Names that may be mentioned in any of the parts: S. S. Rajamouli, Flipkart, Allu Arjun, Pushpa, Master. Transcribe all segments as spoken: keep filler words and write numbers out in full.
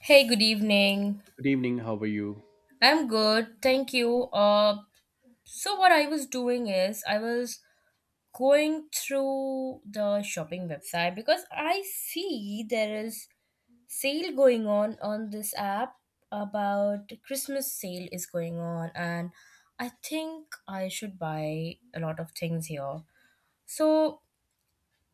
Hey, good evening. Good evening. How are you? I'm good, thank you. Uh, so what I was doing is I was going through the shopping website because I see there is sale going on on this app about Christmas sale is going on, and I think I should buy a lot of things here. So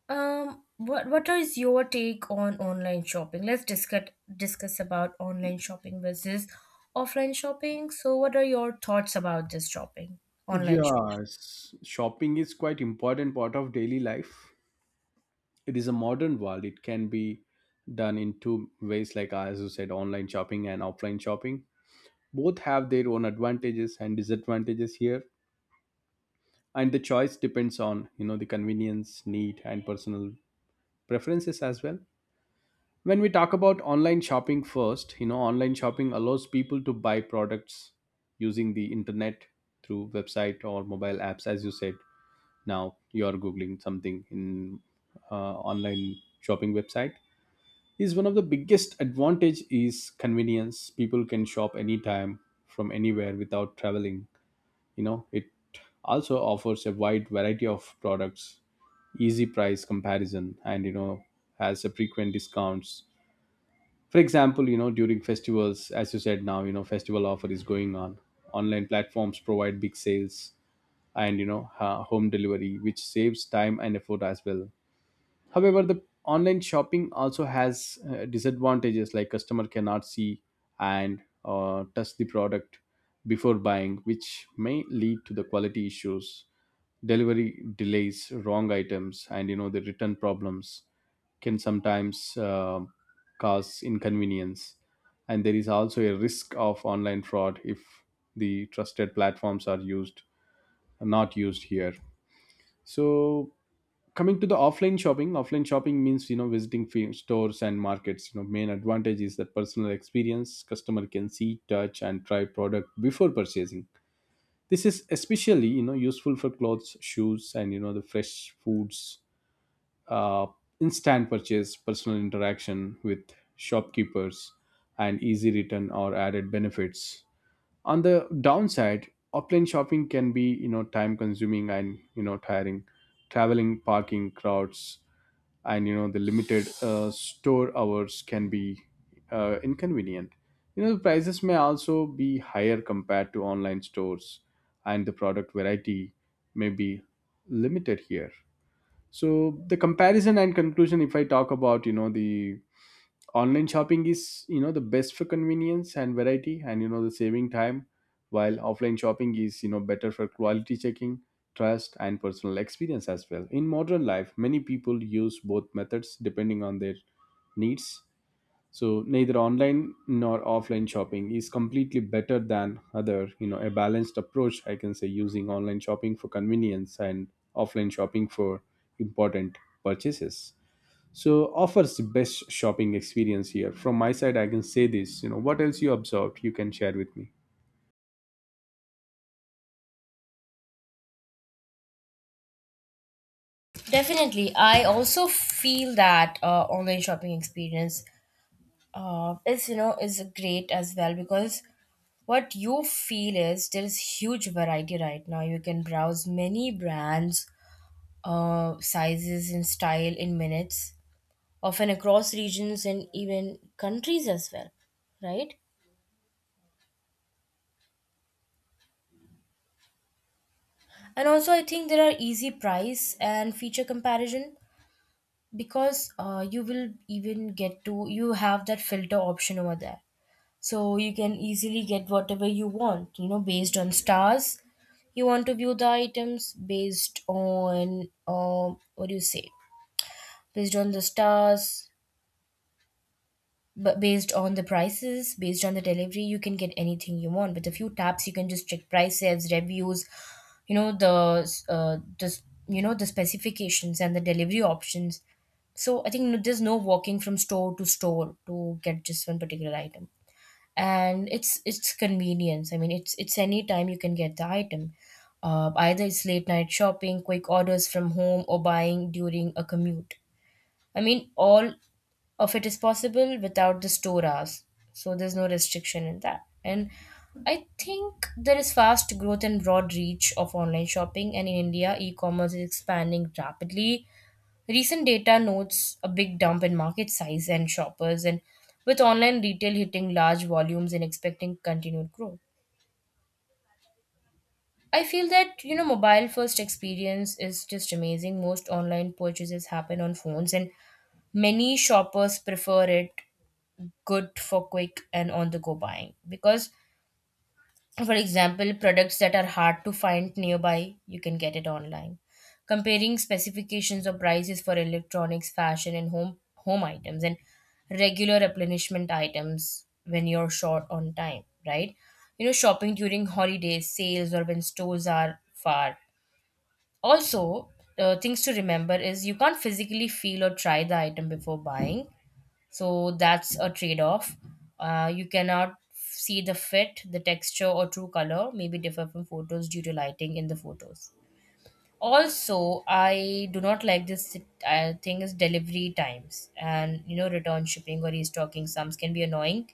Um, what what is your take on online shopping? Let's discuss discuss about online shopping versus offline shopping. So, what are your thoughts about this shopping, online shopping? Yes, shopping is quite important part of daily life. It is a modern world. It can be done in two ways, like uh, as you said, online shopping and offline shopping. Both have their own advantages and disadvantages here, and the choice depends on you know the convenience, need, and personal preferences as well. When we talk about online shopping first, you know, online shopping allows people to buy products using the internet through website or mobile apps, as you said now you are googling something in uh, online shopping website is one of the biggest advantage is convenience, people can shop anytime from anywhere without traveling, you know it also offers a wide variety of products, easy price comparison, and you know has a frequent discounts. For example, you know during festivals, as you said now you know festival offer is going on, online platforms provide big sales and you know ha- home delivery which saves time and effort as well. However, the online shopping also has uh, disadvantages like customer cannot see and uh, touch the product before buying, which may lead to the quality issues, delivery delays, wrong items, and you know the return problems can sometimes uh, cause inconvenience. And there is also a risk of online fraud if the trusted platforms are used not used here. So coming to the offline shopping, offline shopping means you know visiting fe- stores and markets. You know main advantage is that personal experience, customer can see, touch, and try product before purchasing. This is especially you know useful for clothes, shoes, and you know the fresh foods. uh, Instant purchase, personal interaction with shopkeepers, and easy return or added benefits. On the downside, offline shopping can be you know time consuming and you know tiring, traveling, parking, crowds, and you know the limited uh, store hours can be uh, inconvenient. You know the prices may also be higher compared to online stores, and the product variety may be limited here. So the comparison and conclusion, if I talk about you know the online shopping is you know the best for convenience and variety and you know the saving time, while offline shopping is you know better for quality checking, trust, and personal experience as well. In modern life many people use both methods depending on their needs. So neither online nor offline shopping is completely better than other, you know a balanced approach I can say using online shopping for convenience and offline shopping for important purchases. So offers the best shopping experience here from my side. I can say this. You know what else you observed, you can share with me. Definitely, I also feel that uh, online shopping experience uh, is you know is great as well, because what you feel is there is huge variety right now. You can browse many brands, uh, sizes, and style in minutes, often across regions and even countries as well, right? And also, I think there are easy price and feature comparison, because uh, you will even get to you have that filter option over there, so you can easily get whatever you want, you know, based on stars. You want to view the items based on um, what do you say? Based on the stars, but based on the prices, based on the delivery, you can get anything you want with a few taps. You can just check prices, reviews, you know the uh, just you know the specifications and the delivery options. So I think no- there's no walking from store to store to get just one particular item. And it's it's convenience. I mean, it's it's any time you can get the item, uh, either it's late night shopping, quick orders from home, or buying during a commute. I mean, all of it is possible without the store hours. So there's no restriction in that. And I think there is fast growth and broad reach of online shopping. And in India, e commerce is expanding rapidly. Recent data notes a big dump in market size and shoppers, and with online retail hitting large volumes and expecting continued growth. I feel that you know mobile first experience is just amazing. Most online purchases happen on phones, and many shoppers prefer it, good for quick and on the go buying, because for example products that are hard to find nearby you can get it online, comparing specifications or prices for electronics, fashion, and home home items, and regular replenishment items when you're short on time, right? You know shopping during holidays, sales, or when stores are far. Also, uh, things to remember is you can't physically feel or try the item before buying, so that's a trade off. Uh, you cannot see the fit, the texture, or true color may be differ from photos due to lighting in the photos. Also, I do not like this, uh, thing is delivery times and you know return shipping or restocking sums can be annoying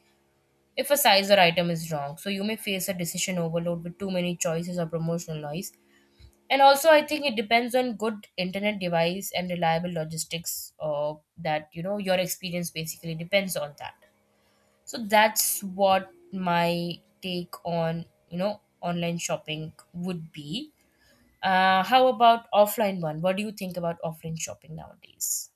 if a size or item is wrong. So you may face a decision overload with too many choices or promotional noise. And also, I think it depends on good internet device and reliable logistics. Uh, that, you know, your experience basically depends on that. So that's what my take on, you know, online shopping would be. Uh, how about offline one? What do you think about offline shopping nowadays?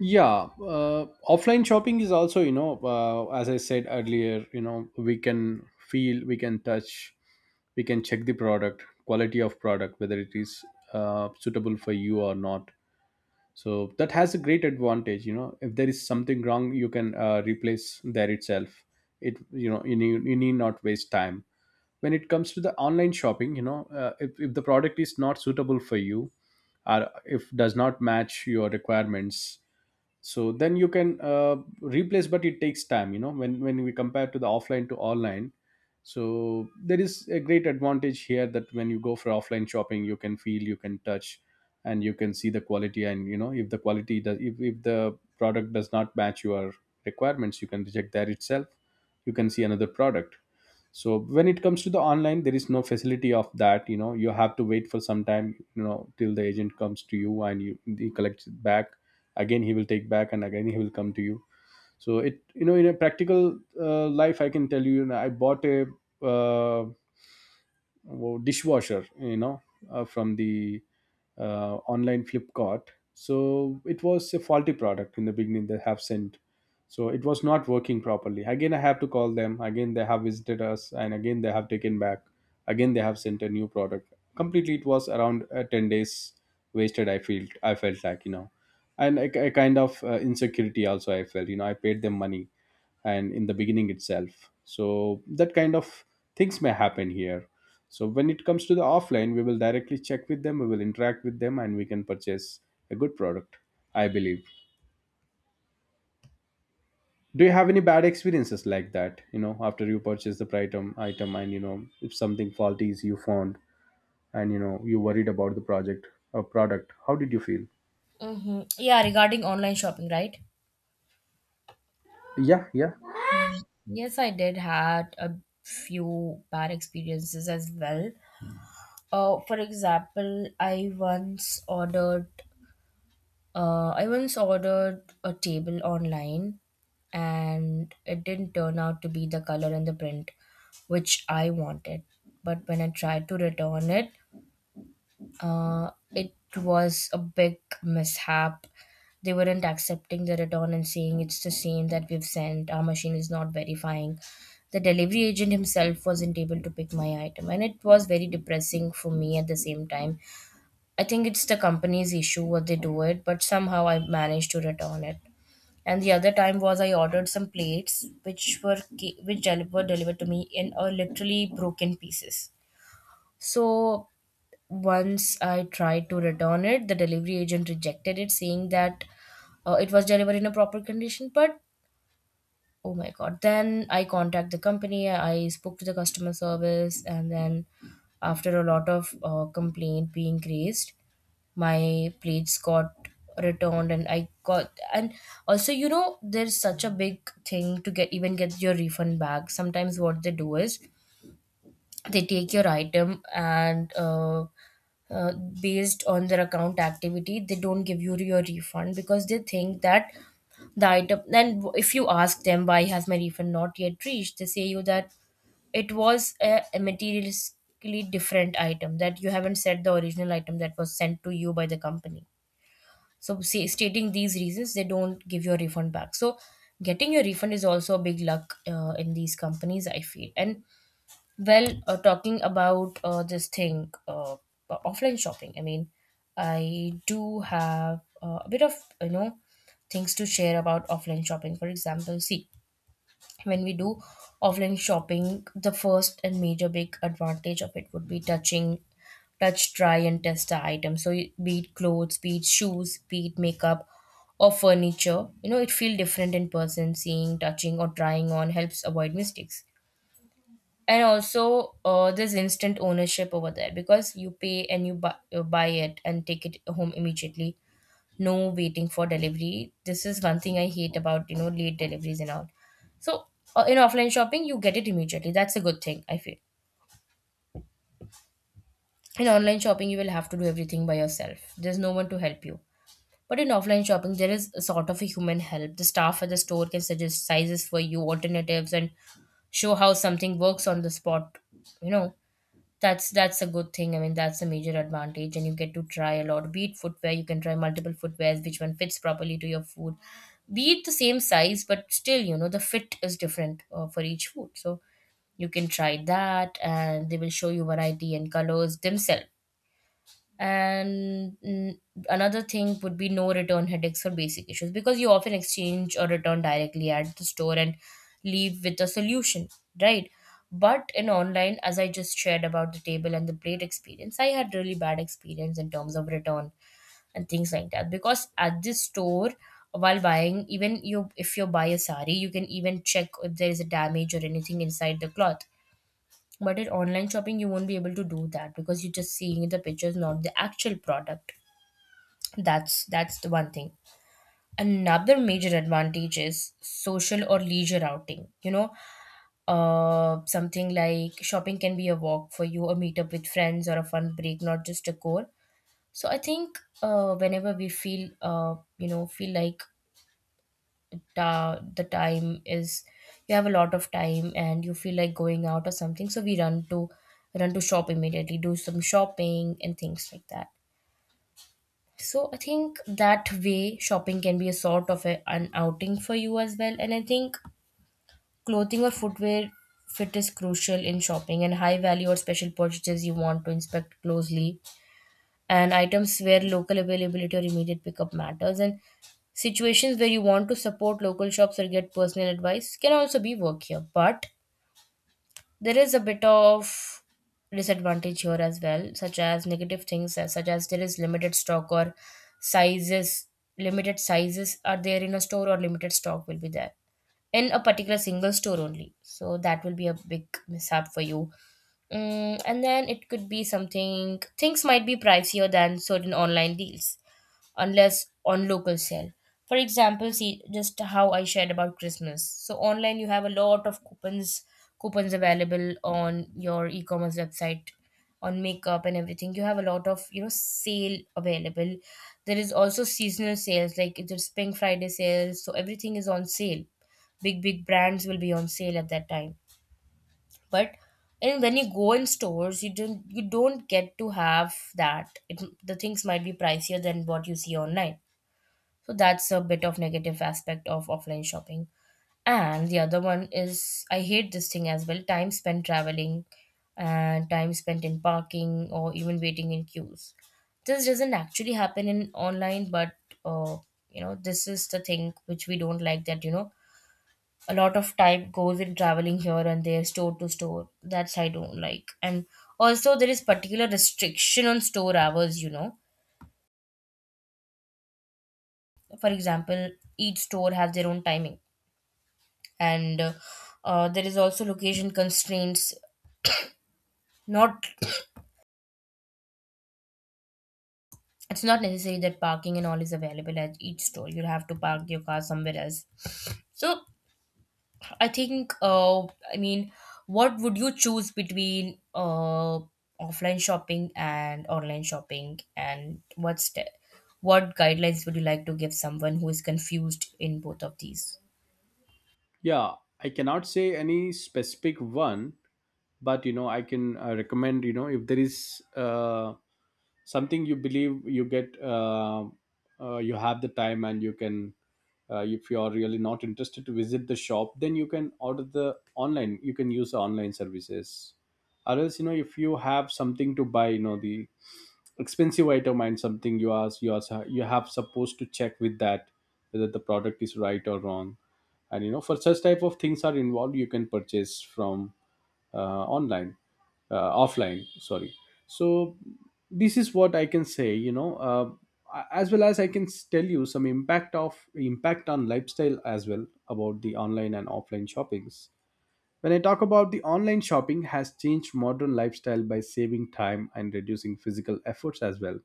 Yeah, uh, offline shopping is also you know, uh, as I said earlier, you know we can feel, we can touch, we can check the product quality of product whether it is uh, suitable for you or not. So that has a great advantage. You know if there is something wrong you can uh, replace there itself. It, you know you need, you need not waste time. When it comes to the online shopping, you know uh, if, if the product is not suitable for you or if does not match your requirements, so then you can uh, replace but it takes time, you know when when we compare to the offline to online. So there is a great advantage here that when you go for offline shopping you can feel, you can touch, and you can see the quality, and you know if the quality does, if, if the product does not match your requirements, you can reject that itself, you can see another product. So when it comes to the online there is no facility of that, you know you have to wait for some time, you know till the agent comes to you and you he collects it back, again he will take back and again he will come to you. So it, you know in a practical uh, life I can tell you, you know, I bought a uh, wo- dishwasher, you know uh, from the uh, online Flipkart. So it was a faulty product in the beginning they have sent. So it was not working properly. Again, I have to call them. Again, they have visited us, and again they have taken back. Again, they have sent a new product. Completely, it was around uh, ten days wasted. I felt I felt like you know, and a, a kind of uh, insecurity also. I felt you know I paid them money, and in the beginning itself. So that kind of things may happen here. So when it comes to the offline, we will directly check with them, we will interact with them, and we can purchase a good product. I believe. Do you have any bad experiences like that? You know, after you purchase the item, item, and you know, if something faulty is you found, and you know, you worried about the project or product, how did you feel? Mm-hmm. Yeah, regarding online shopping, right? Yeah, yeah, Mm. Yes, I did had a few bad experiences as well. Uh, for example, I once ordered Uh, I once ordered a table online, and it didn't turn out to be the color and the print which I wanted. But when I tried to return it, uh, it was a big mishap. They weren't accepting the return and saying it's the same that we've sent, our machine is not verifying. The delivery agent himself wasn't able to pick my item, and it was very depressing for me at the same time. I think it's the company's issue what they do it, but somehow I managed to return it. And the other time was I ordered some plates which were ca- which deli- were delivered to me in a literally broken pieces. So once I tried to return it, the delivery agent rejected it, saying that uh, it was delivered in a proper condition. But oh my god! Then I contact the company. I spoke to the customer service, and then after a lot of uh, complaint being raised, my plates got returned, and I got and also, you know there's such a big thing to get, even get your refund back. Sometimes what they do is they take your item and uh, uh, based on their account activity they don't give you your refund, because they think that the item. Then if you ask them why has my refund not yet reached, they say you that it was a, a materialistically different item, that you haven't said the original item that was sent to you by the company. So, say, stating these reasons, they don't give your refund back. So, getting your refund is also a big luck uh, in these companies, I feel. And well, uh, talking about uh, this thing, uh, uh, offline shopping. I mean, I do have uh, a bit of you know things to share about offline shopping. For example, see, when we do offline shopping, the first and major big advantage of it would be touching touch, try and test the item. So it- be it clothes, be it shoes, be it makeup, or furniture. You know it feel different in person, seeing, touching, or trying on helps avoid mistakes. And also, uh, there's instant ownership over there, because you pay and you buy, you buy it and take it home immediately. No waiting for delivery. This is one thing I hate about, you know, late deliveries and all. So uh, in offline shopping, you get it immediately. That's a good thing, I feel. In online shopping, you will have to do everything by yourself. There's no one to help you. But in offline shopping, there is a sort of a human help. The staff at the store can suggest sizes for you, alternatives, and show how something works on the spot, you know. That's that's a good thing. I mean, that's a major advantage, and you get to try a lot. Be it footwear, you can try multiple footwears, which one fits properly to your food. Be it the same size, but still, you know, the fit is different uh, for each food. So you can try that, and they will show you variety and colors themselves. And mm, another thing would be no return headaches for basic issues, because you often exchange or return directly at the store and leave with a solution, right? But in online, as I just shared about the table and the plate experience, I had really bad experience in terms of return and things like that, because at this store while buying, even you if you buy a sari you can even check if there is a damage or anything inside the cloth. But in online shopping, you won't be able to do that because you're just seeing the pictures, not the actual product. That's that's the one thing. Another major advantage is social or leisure outing. You know, uh, something like shopping can be a walk for you, a meetup with friends, or a fun break, not just a core. So I think, uh, whenever we feel, uh, you know, feel like ta- the time is you have a lot of time, and you feel like going out or something, so we run to run to shop immediately, do some shopping and things like that. So I think that way, shopping can be a sort of a, an outing for you as well. And I think clothing or footwear fit is crucial in shopping, and high value or special purchases you want to inspect closely, and items where local availability or immediate pickup matters, and situations where you want to support local shops or get personal advice can also be work here. But there is a bit of disadvantage here as well, such as negative things as- such as there is limited stock or sizes, limited sizes are there in a store, or limited stock will be there in a particular single store only. So that will be a big mishap for you. Mm, and then it could be something, things might be pricier than certain online deals unless on local sale. For example, see, just how I shared about Christmas. So online you have a lot of coupons coupons available on your e-commerce website on makeup and everything. You have a lot of, you know, sale available. There is also seasonal sales like there's Pink Friday sales, so everything is on sale. Big big brands will be on sale at that time. But and when you go in stores, you don't you don't get to have that. It, the things might be pricier than what you see online, so that's a bit of negative aspect of offline shopping. And the other one is, I hate this thing as well: time spent traveling and time spent in parking or even waiting in queues. This doesn't actually happen in online, but uh, you know, this is the thing which we don't like that, you know, a lot of time goes in traveling here and there, store to store. That's I don't like. And also there is particular restriction on store hours, you know. For example, each store has their own timing, and uh, uh, there is also location constraints. Not It's not necessary that parking and all is available at each store. You'll have to park your car somewhere else. So i think, uh, I mean, what would you choose between uh, offline shopping and online shopping, and what's the, what guidelines would you like to give someone who is confused in both of these? yeah. I cannot say any specific one, but you know, I can uh, recommend. You know, if there is uh, something you believe you get uh, uh, you have the time and you can, uh, if you are really not interested to visit the shop then you can order the online, you can use the online services. Or else, you know if you have something to buy, you know the expensive item and something you ask, you ask you have supposed to check with that whether the product is right or wrong, and you know for such type of things are involved you can purchase from uh, online, uh, offline sorry. So this is what I can say, you know uh, as well as I can s- tell you some impact of impact on lifestyle as well about the online and offline shoppings. When I talk about the online shopping has changed modern lifestyle by saving time and reducing physical efforts as well.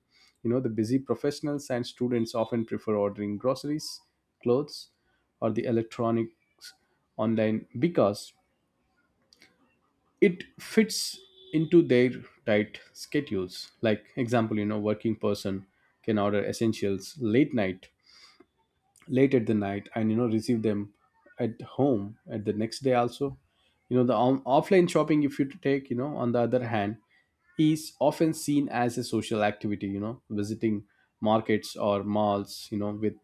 You know the busy professionals and students often prefer ordering groceries, clothes, or the electronics online because it fits into their tight schedules. Like example, you know working person can order essentials late night, late at the night, and you know receive them at home at the next day also. You know the on- offline shopping, if you take, you know on the other hand is often seen as a social activity. You know visiting markets or malls, you know with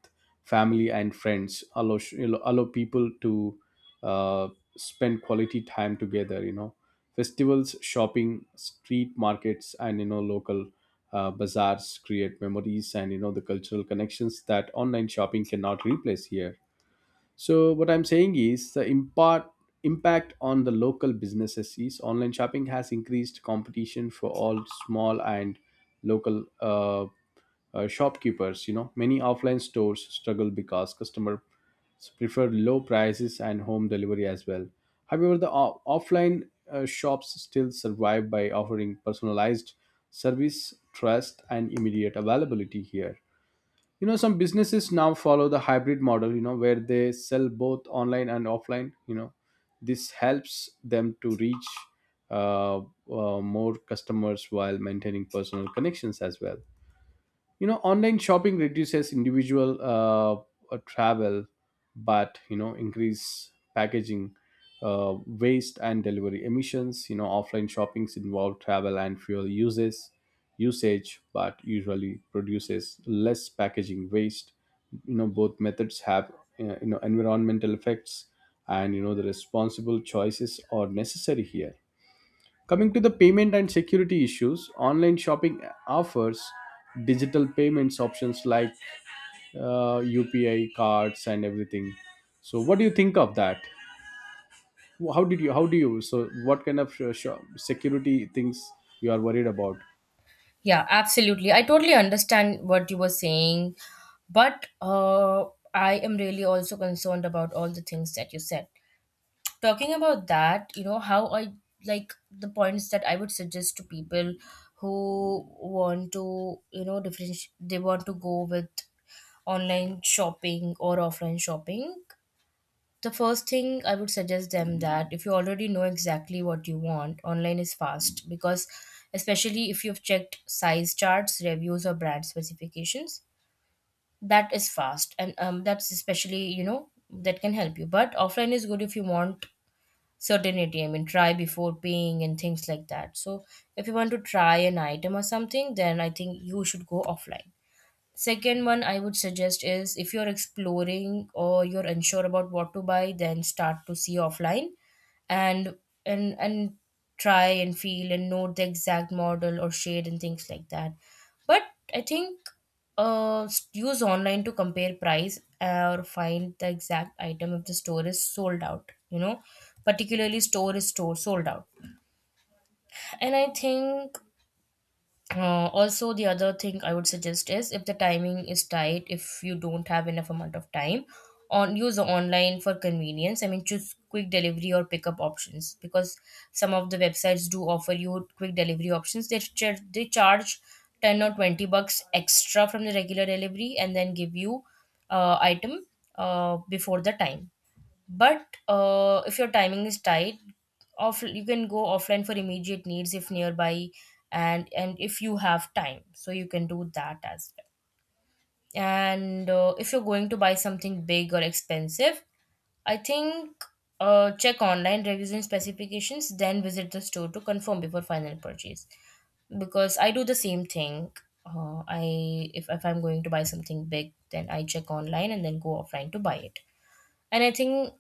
family and friends allow, you know, allow people to uh, spend quality time together. You know festivals shopping, street markets, and you know local uh, bazaars create memories and you know the cultural connections that online shopping cannot replace here. So what I'm saying is the impact impact on the local businesses is online shopping has increased competition for all small and local uh, uh, shopkeepers. You know, many offline stores struggle because customers prefer low prices and home delivery as well. However, the o- offline uh, shops still survive by offering personalized service, trust, and immediate availability here. You know some businesses now follow the hybrid model, you know where they sell both online and offline. You know this helps them to reach uh, uh, more customers while maintaining personal connections as well. You know online shopping reduces individual uh, uh, travel, but you know increase packaging uh, waste and delivery emissions. You know offline shoppings involve travel and fuel uses usage but usually produces less packaging waste. You know both methods have uh, you know environmental effects, and you know the responsible choices are necessary here. Coming to the payment and security issues, online shopping offers digital payments options like uh, U P I cards and everything. So, what do you think of that? How did you? How do you? So, what kind of sh- sh- security things you are worried about? Yeah, absolutely. I totally understand what you were saying, but uh, I am really also concerned about all the things that you said. Talking about that, you know, how I, like, the points that I would suggest to people who want to, you know, differentiate, they want to go with online shopping or offline shopping. The first thing I would suggest them, that if you already know exactly what you want, online is fast, because especially if you've checked size charts, reviews or brand specifications, that is fast. And um, that's especially, you know that can help you. But offline is good if you want certainty. I mean, try before paying and things like that. So if you want to try an item or something, then I think you should go offline. Second one I would suggest is, if you're exploring or you're unsure about what to buy, then start to see offline, and and and try and feel and note the exact model or shade and things like that. But I think, uh, s- use online to compare price or find the exact item if the store is sold out. You know, particularly store is store sold out. And I think, uh, also, the other thing I would suggest is, if the timing is tight, if you don't have enough amount of time, on use online for convenience. I mean, choose quick delivery or pickup options, because some of the websites do offer you quick delivery options. They char- they charge ten or twenty bucks extra from the regular delivery and then give you uh, item uh, before the time. But uh, if your timing is tight, off you can go offline for immediate needs if nearby, and and if you have time, so you can do that as well. And uh, if you're going to buy something big or expensive, I think, uh, check online reviews and specifications, then visit the store to confirm before final purchase. Because I do the same thing. Uh, I if, if I'm going to buy something big, then I check online and then go offline to buy it. And I think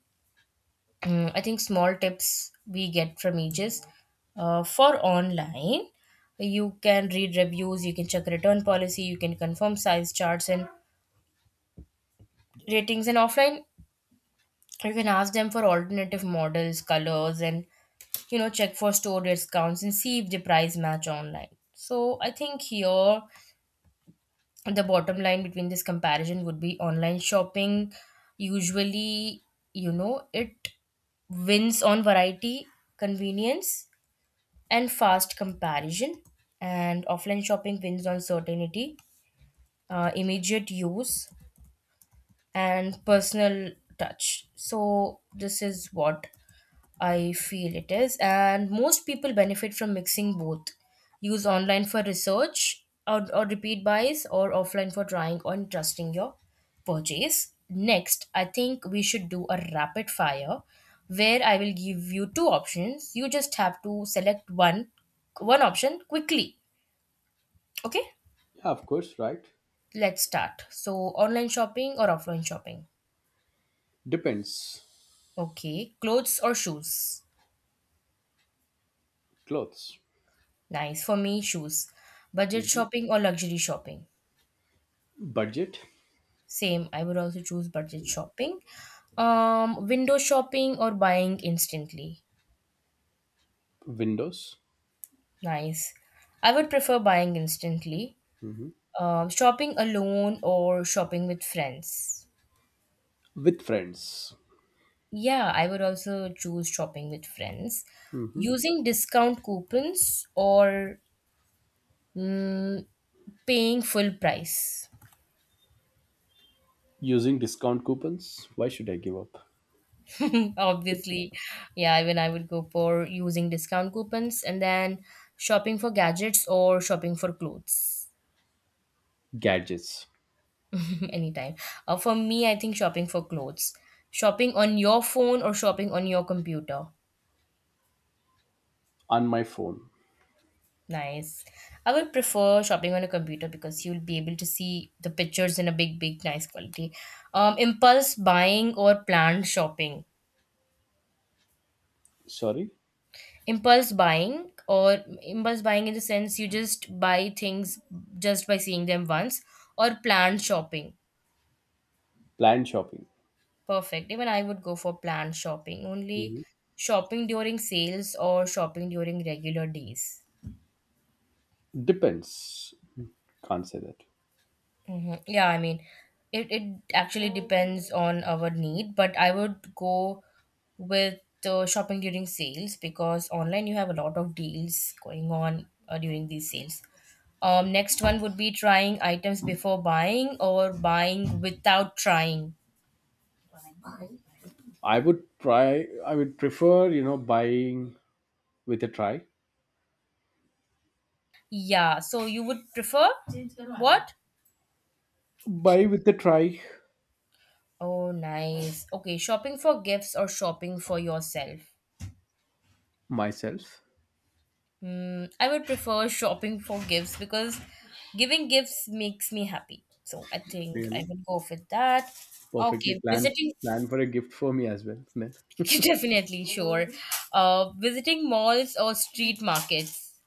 Mm, I think small tips we get from ages uh, for online. You can read reviews, you can check return policy, you can confirm size charts and ratings. And offline, you can ask them for alternative models, colors, and you know check for store discounts and see if the price match online. So I think here the bottom line between this comparison would be online shopping. Usually, you know it wins on variety, convenience, and fast comparison. And offline shopping wins on certainty, uh, immediate use, and personal touch. So this is what I feel it is, and most people benefit from mixing both. Use online for research, or, or repeat buys, or offline for trying on, trusting your purchase. Next, I think we should do a rapid fire, where I will give you two options. You just have to select one one option quickly. Okay? Yeah, of course, right. Let's start. So, online shopping or offline shopping? Depends. Okay. Clothes or shoes? Clothes. Nice. For me, shoes. Budget Mhm. shopping or luxury shopping? Budget. Same, I would also choose budget shopping. Um, window shopping or buying instantly? Windows. Nice. I would prefer buying instantly. Mhm. Um, shopping alone or shopping with friends? With friends. Yeah, I would also choose shopping with friends. Mhm. Using discount coupons or mm, paying full price? Using discount coupons. Why should I give up? Obviously, yeah, even I would go for using discount coupons. And then, shopping for gadgets or shopping for clothes? Gadgets. Anytime. Uh, for me, I think shopping for clothes. Shopping on your phone or shopping on your computer? On my phone. Nice. I would prefer shopping on a computer, because you'll be able to see the pictures in a big, big, nice quality. Um, impulse buying or planned shopping? Sorry. Impulse buying, or impulse buying in the sense you just buy things just by seeing them once, or planned shopping? Planned shopping. Perfect. Even I would go for planned shopping only. Mhm. Shopping during sales or shopping during regular days? Depends. Can't say that. Hmm. Yeah, I mean, it, it actually depends on our need, but I would go with uh, shopping during sales, because online you have a lot of deals going on uh, during these sales. Um, next one would be, trying items before buying or buying without trying? I would try, I would prefer, you know, buying with a try. Yeah, so you would prefer what? Buy with a try. Oh, nice. Okay, shopping for gifts or shopping for yourself? Myself. Mm, I would prefer shopping for gifts, because giving gifts makes me happy. So I think I Really. will go with that. Perfectly Okay, planned, visiting, plan for a gift for me as well. Then definitely, sure. Uh, visiting malls or street markets?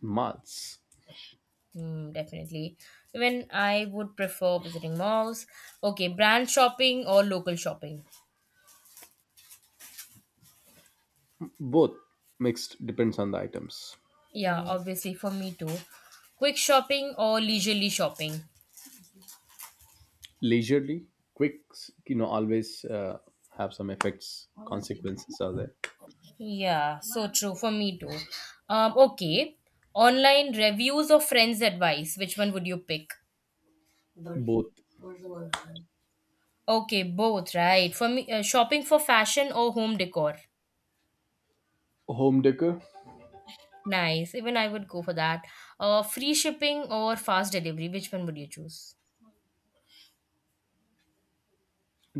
months. Mm, definitely. Even I would prefer visiting malls. Okay, brand shopping or local shopping? Both mixed depends on the items. Yeah, obviously, for me too. Quick shopping or leisurely shopping? Leisurely, quick, you know, always uh, have some effects, consequences are there. Yeah, so true for me too. Um, okay, online reviews or friends' advice, which one would you pick? Both. Okay, both, right? For me, uh, shopping for fashion or home decor? Home decor. Nice. Even I would go for that. Uh, free shipping or fast delivery, which one would you choose?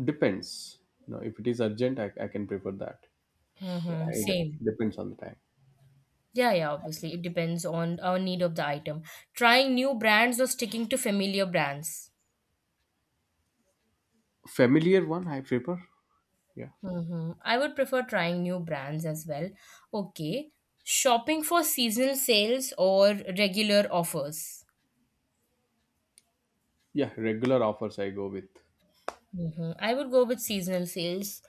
Depends. You know, if it is urgent, I, I can prefer that. Mm-hmm. Either Same. depends on the time. Yeah, yeah, obviously. It depends on our need of the item. Trying new brands or sticking to familiar brands? Familiar one I prefer. Yeah, hmm I would prefer trying new brands as well. Okay. Shopping for seasonal sales or regular offers? yeah. Regular offers I go with. hmm I would go with seasonal sales.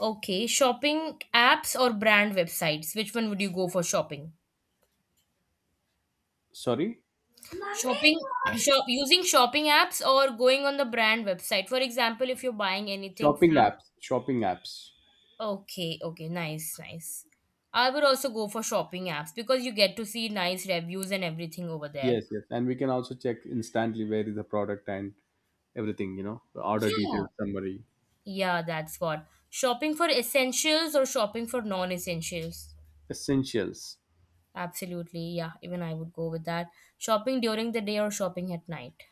Okay. Shopping apps or brand websites? Which one would you go for shopping? Sorry, Shopping, shop, Using shopping apps or going on the brand website? For example, if you're buying anything shopping from apps. Shopping apps. Okay, okay, nice, nice. I would also go for shopping apps, because you get to see nice reviews and everything over there. Yes, yes. And we can also check instantly where is the product and everything. You know, the order Yeah, details, summary, yeah, that's what. Shopping for essentials or shopping for non essentials? essentials. Absolutely. Yeah, even I would go with that. Shopping during the day or shopping at night?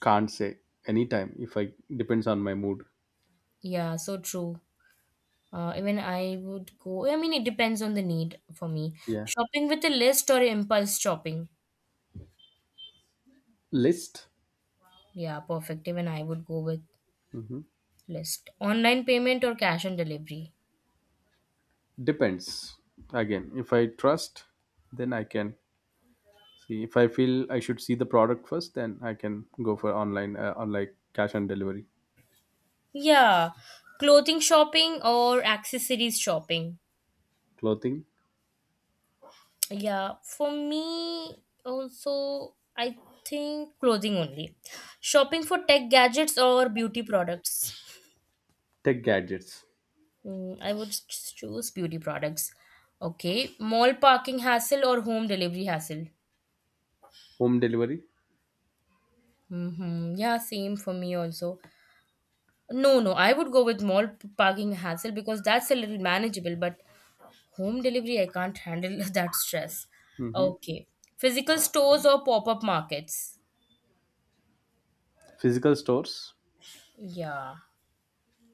Can't say anytime if I depends on my mood. Yeah, so true. Uh, even I would go, I mean, it depends on the need for me. Yeah. Shopping with a list or impulse shopping? List. Yeah, perfect. Even I would go with Hmm. list. Online payment or cash on delivery? Depends. Again, if I trust, then I can. See, if I feel I should see the product first, then I can go for online, uh, on like cash on delivery, Yeah. Clothing shopping or accessories shopping? clothing, Yeah, for me also, I think clothing only. Shopping for tech gadgets or beauty products? tech gadgets, Mm, I would s- choose beauty products. Okay, mall parking hassle or home delivery hassle? home delivery. Mm-hmm. Yeah, same for me also. No, no, I would go with mall p- parking hassle, because that's a little manageable, but home delivery I can't handle that stress. Hmm. Okay, physical stores or pop-up markets? Physical stores. Yeah.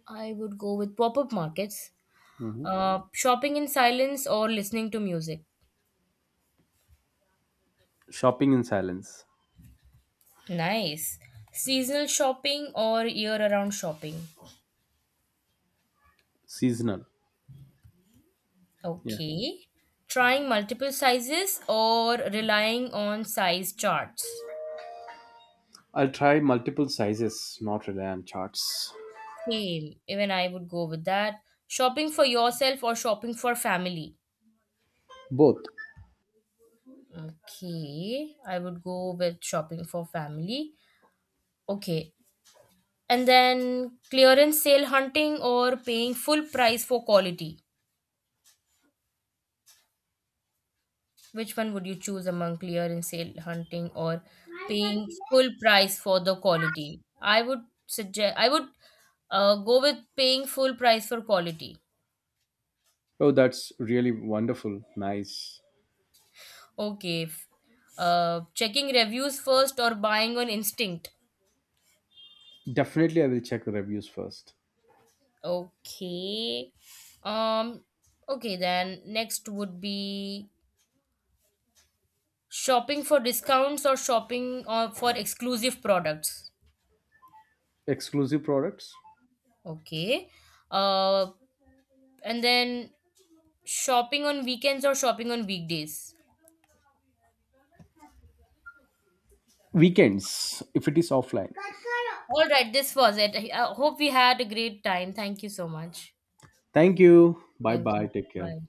I would go with pop up markets. Hmm. Uh, shopping in silence, or listening to music? Shopping in silence, Nice. Seasonal shopping or year round shopping? seasonal. Yeah, Okay. Trying multiple sizes or relying on size charts? I'll try multiple sizes, not rely on charts. Same. Even I would go with that. Shopping for yourself or shopping for family? Both. Okay. I would go with shopping for family. Okay. And then, clearance sale hunting or paying full price for quality? Which one would you choose among clear and sale hunting or paying full price for the quality? I would suggest, I would uh, go with paying full price for quality. Oh, that's really wonderful. Nice. Okay. F- Uh, checking reviews first or buying on instinct? Definitely, I will check the reviews first. Okay. Um okay, then next would be shopping for discounts or shopping uh, for exclusive products? Exclusive products, Okay. Uh and then, shopping on weekends or shopping on weekdays? weekends if it is offline. All right, this was it. I I hope we had a great time. Thank you so much. Thank you. Bye Thank bye. you. Take care. Bye.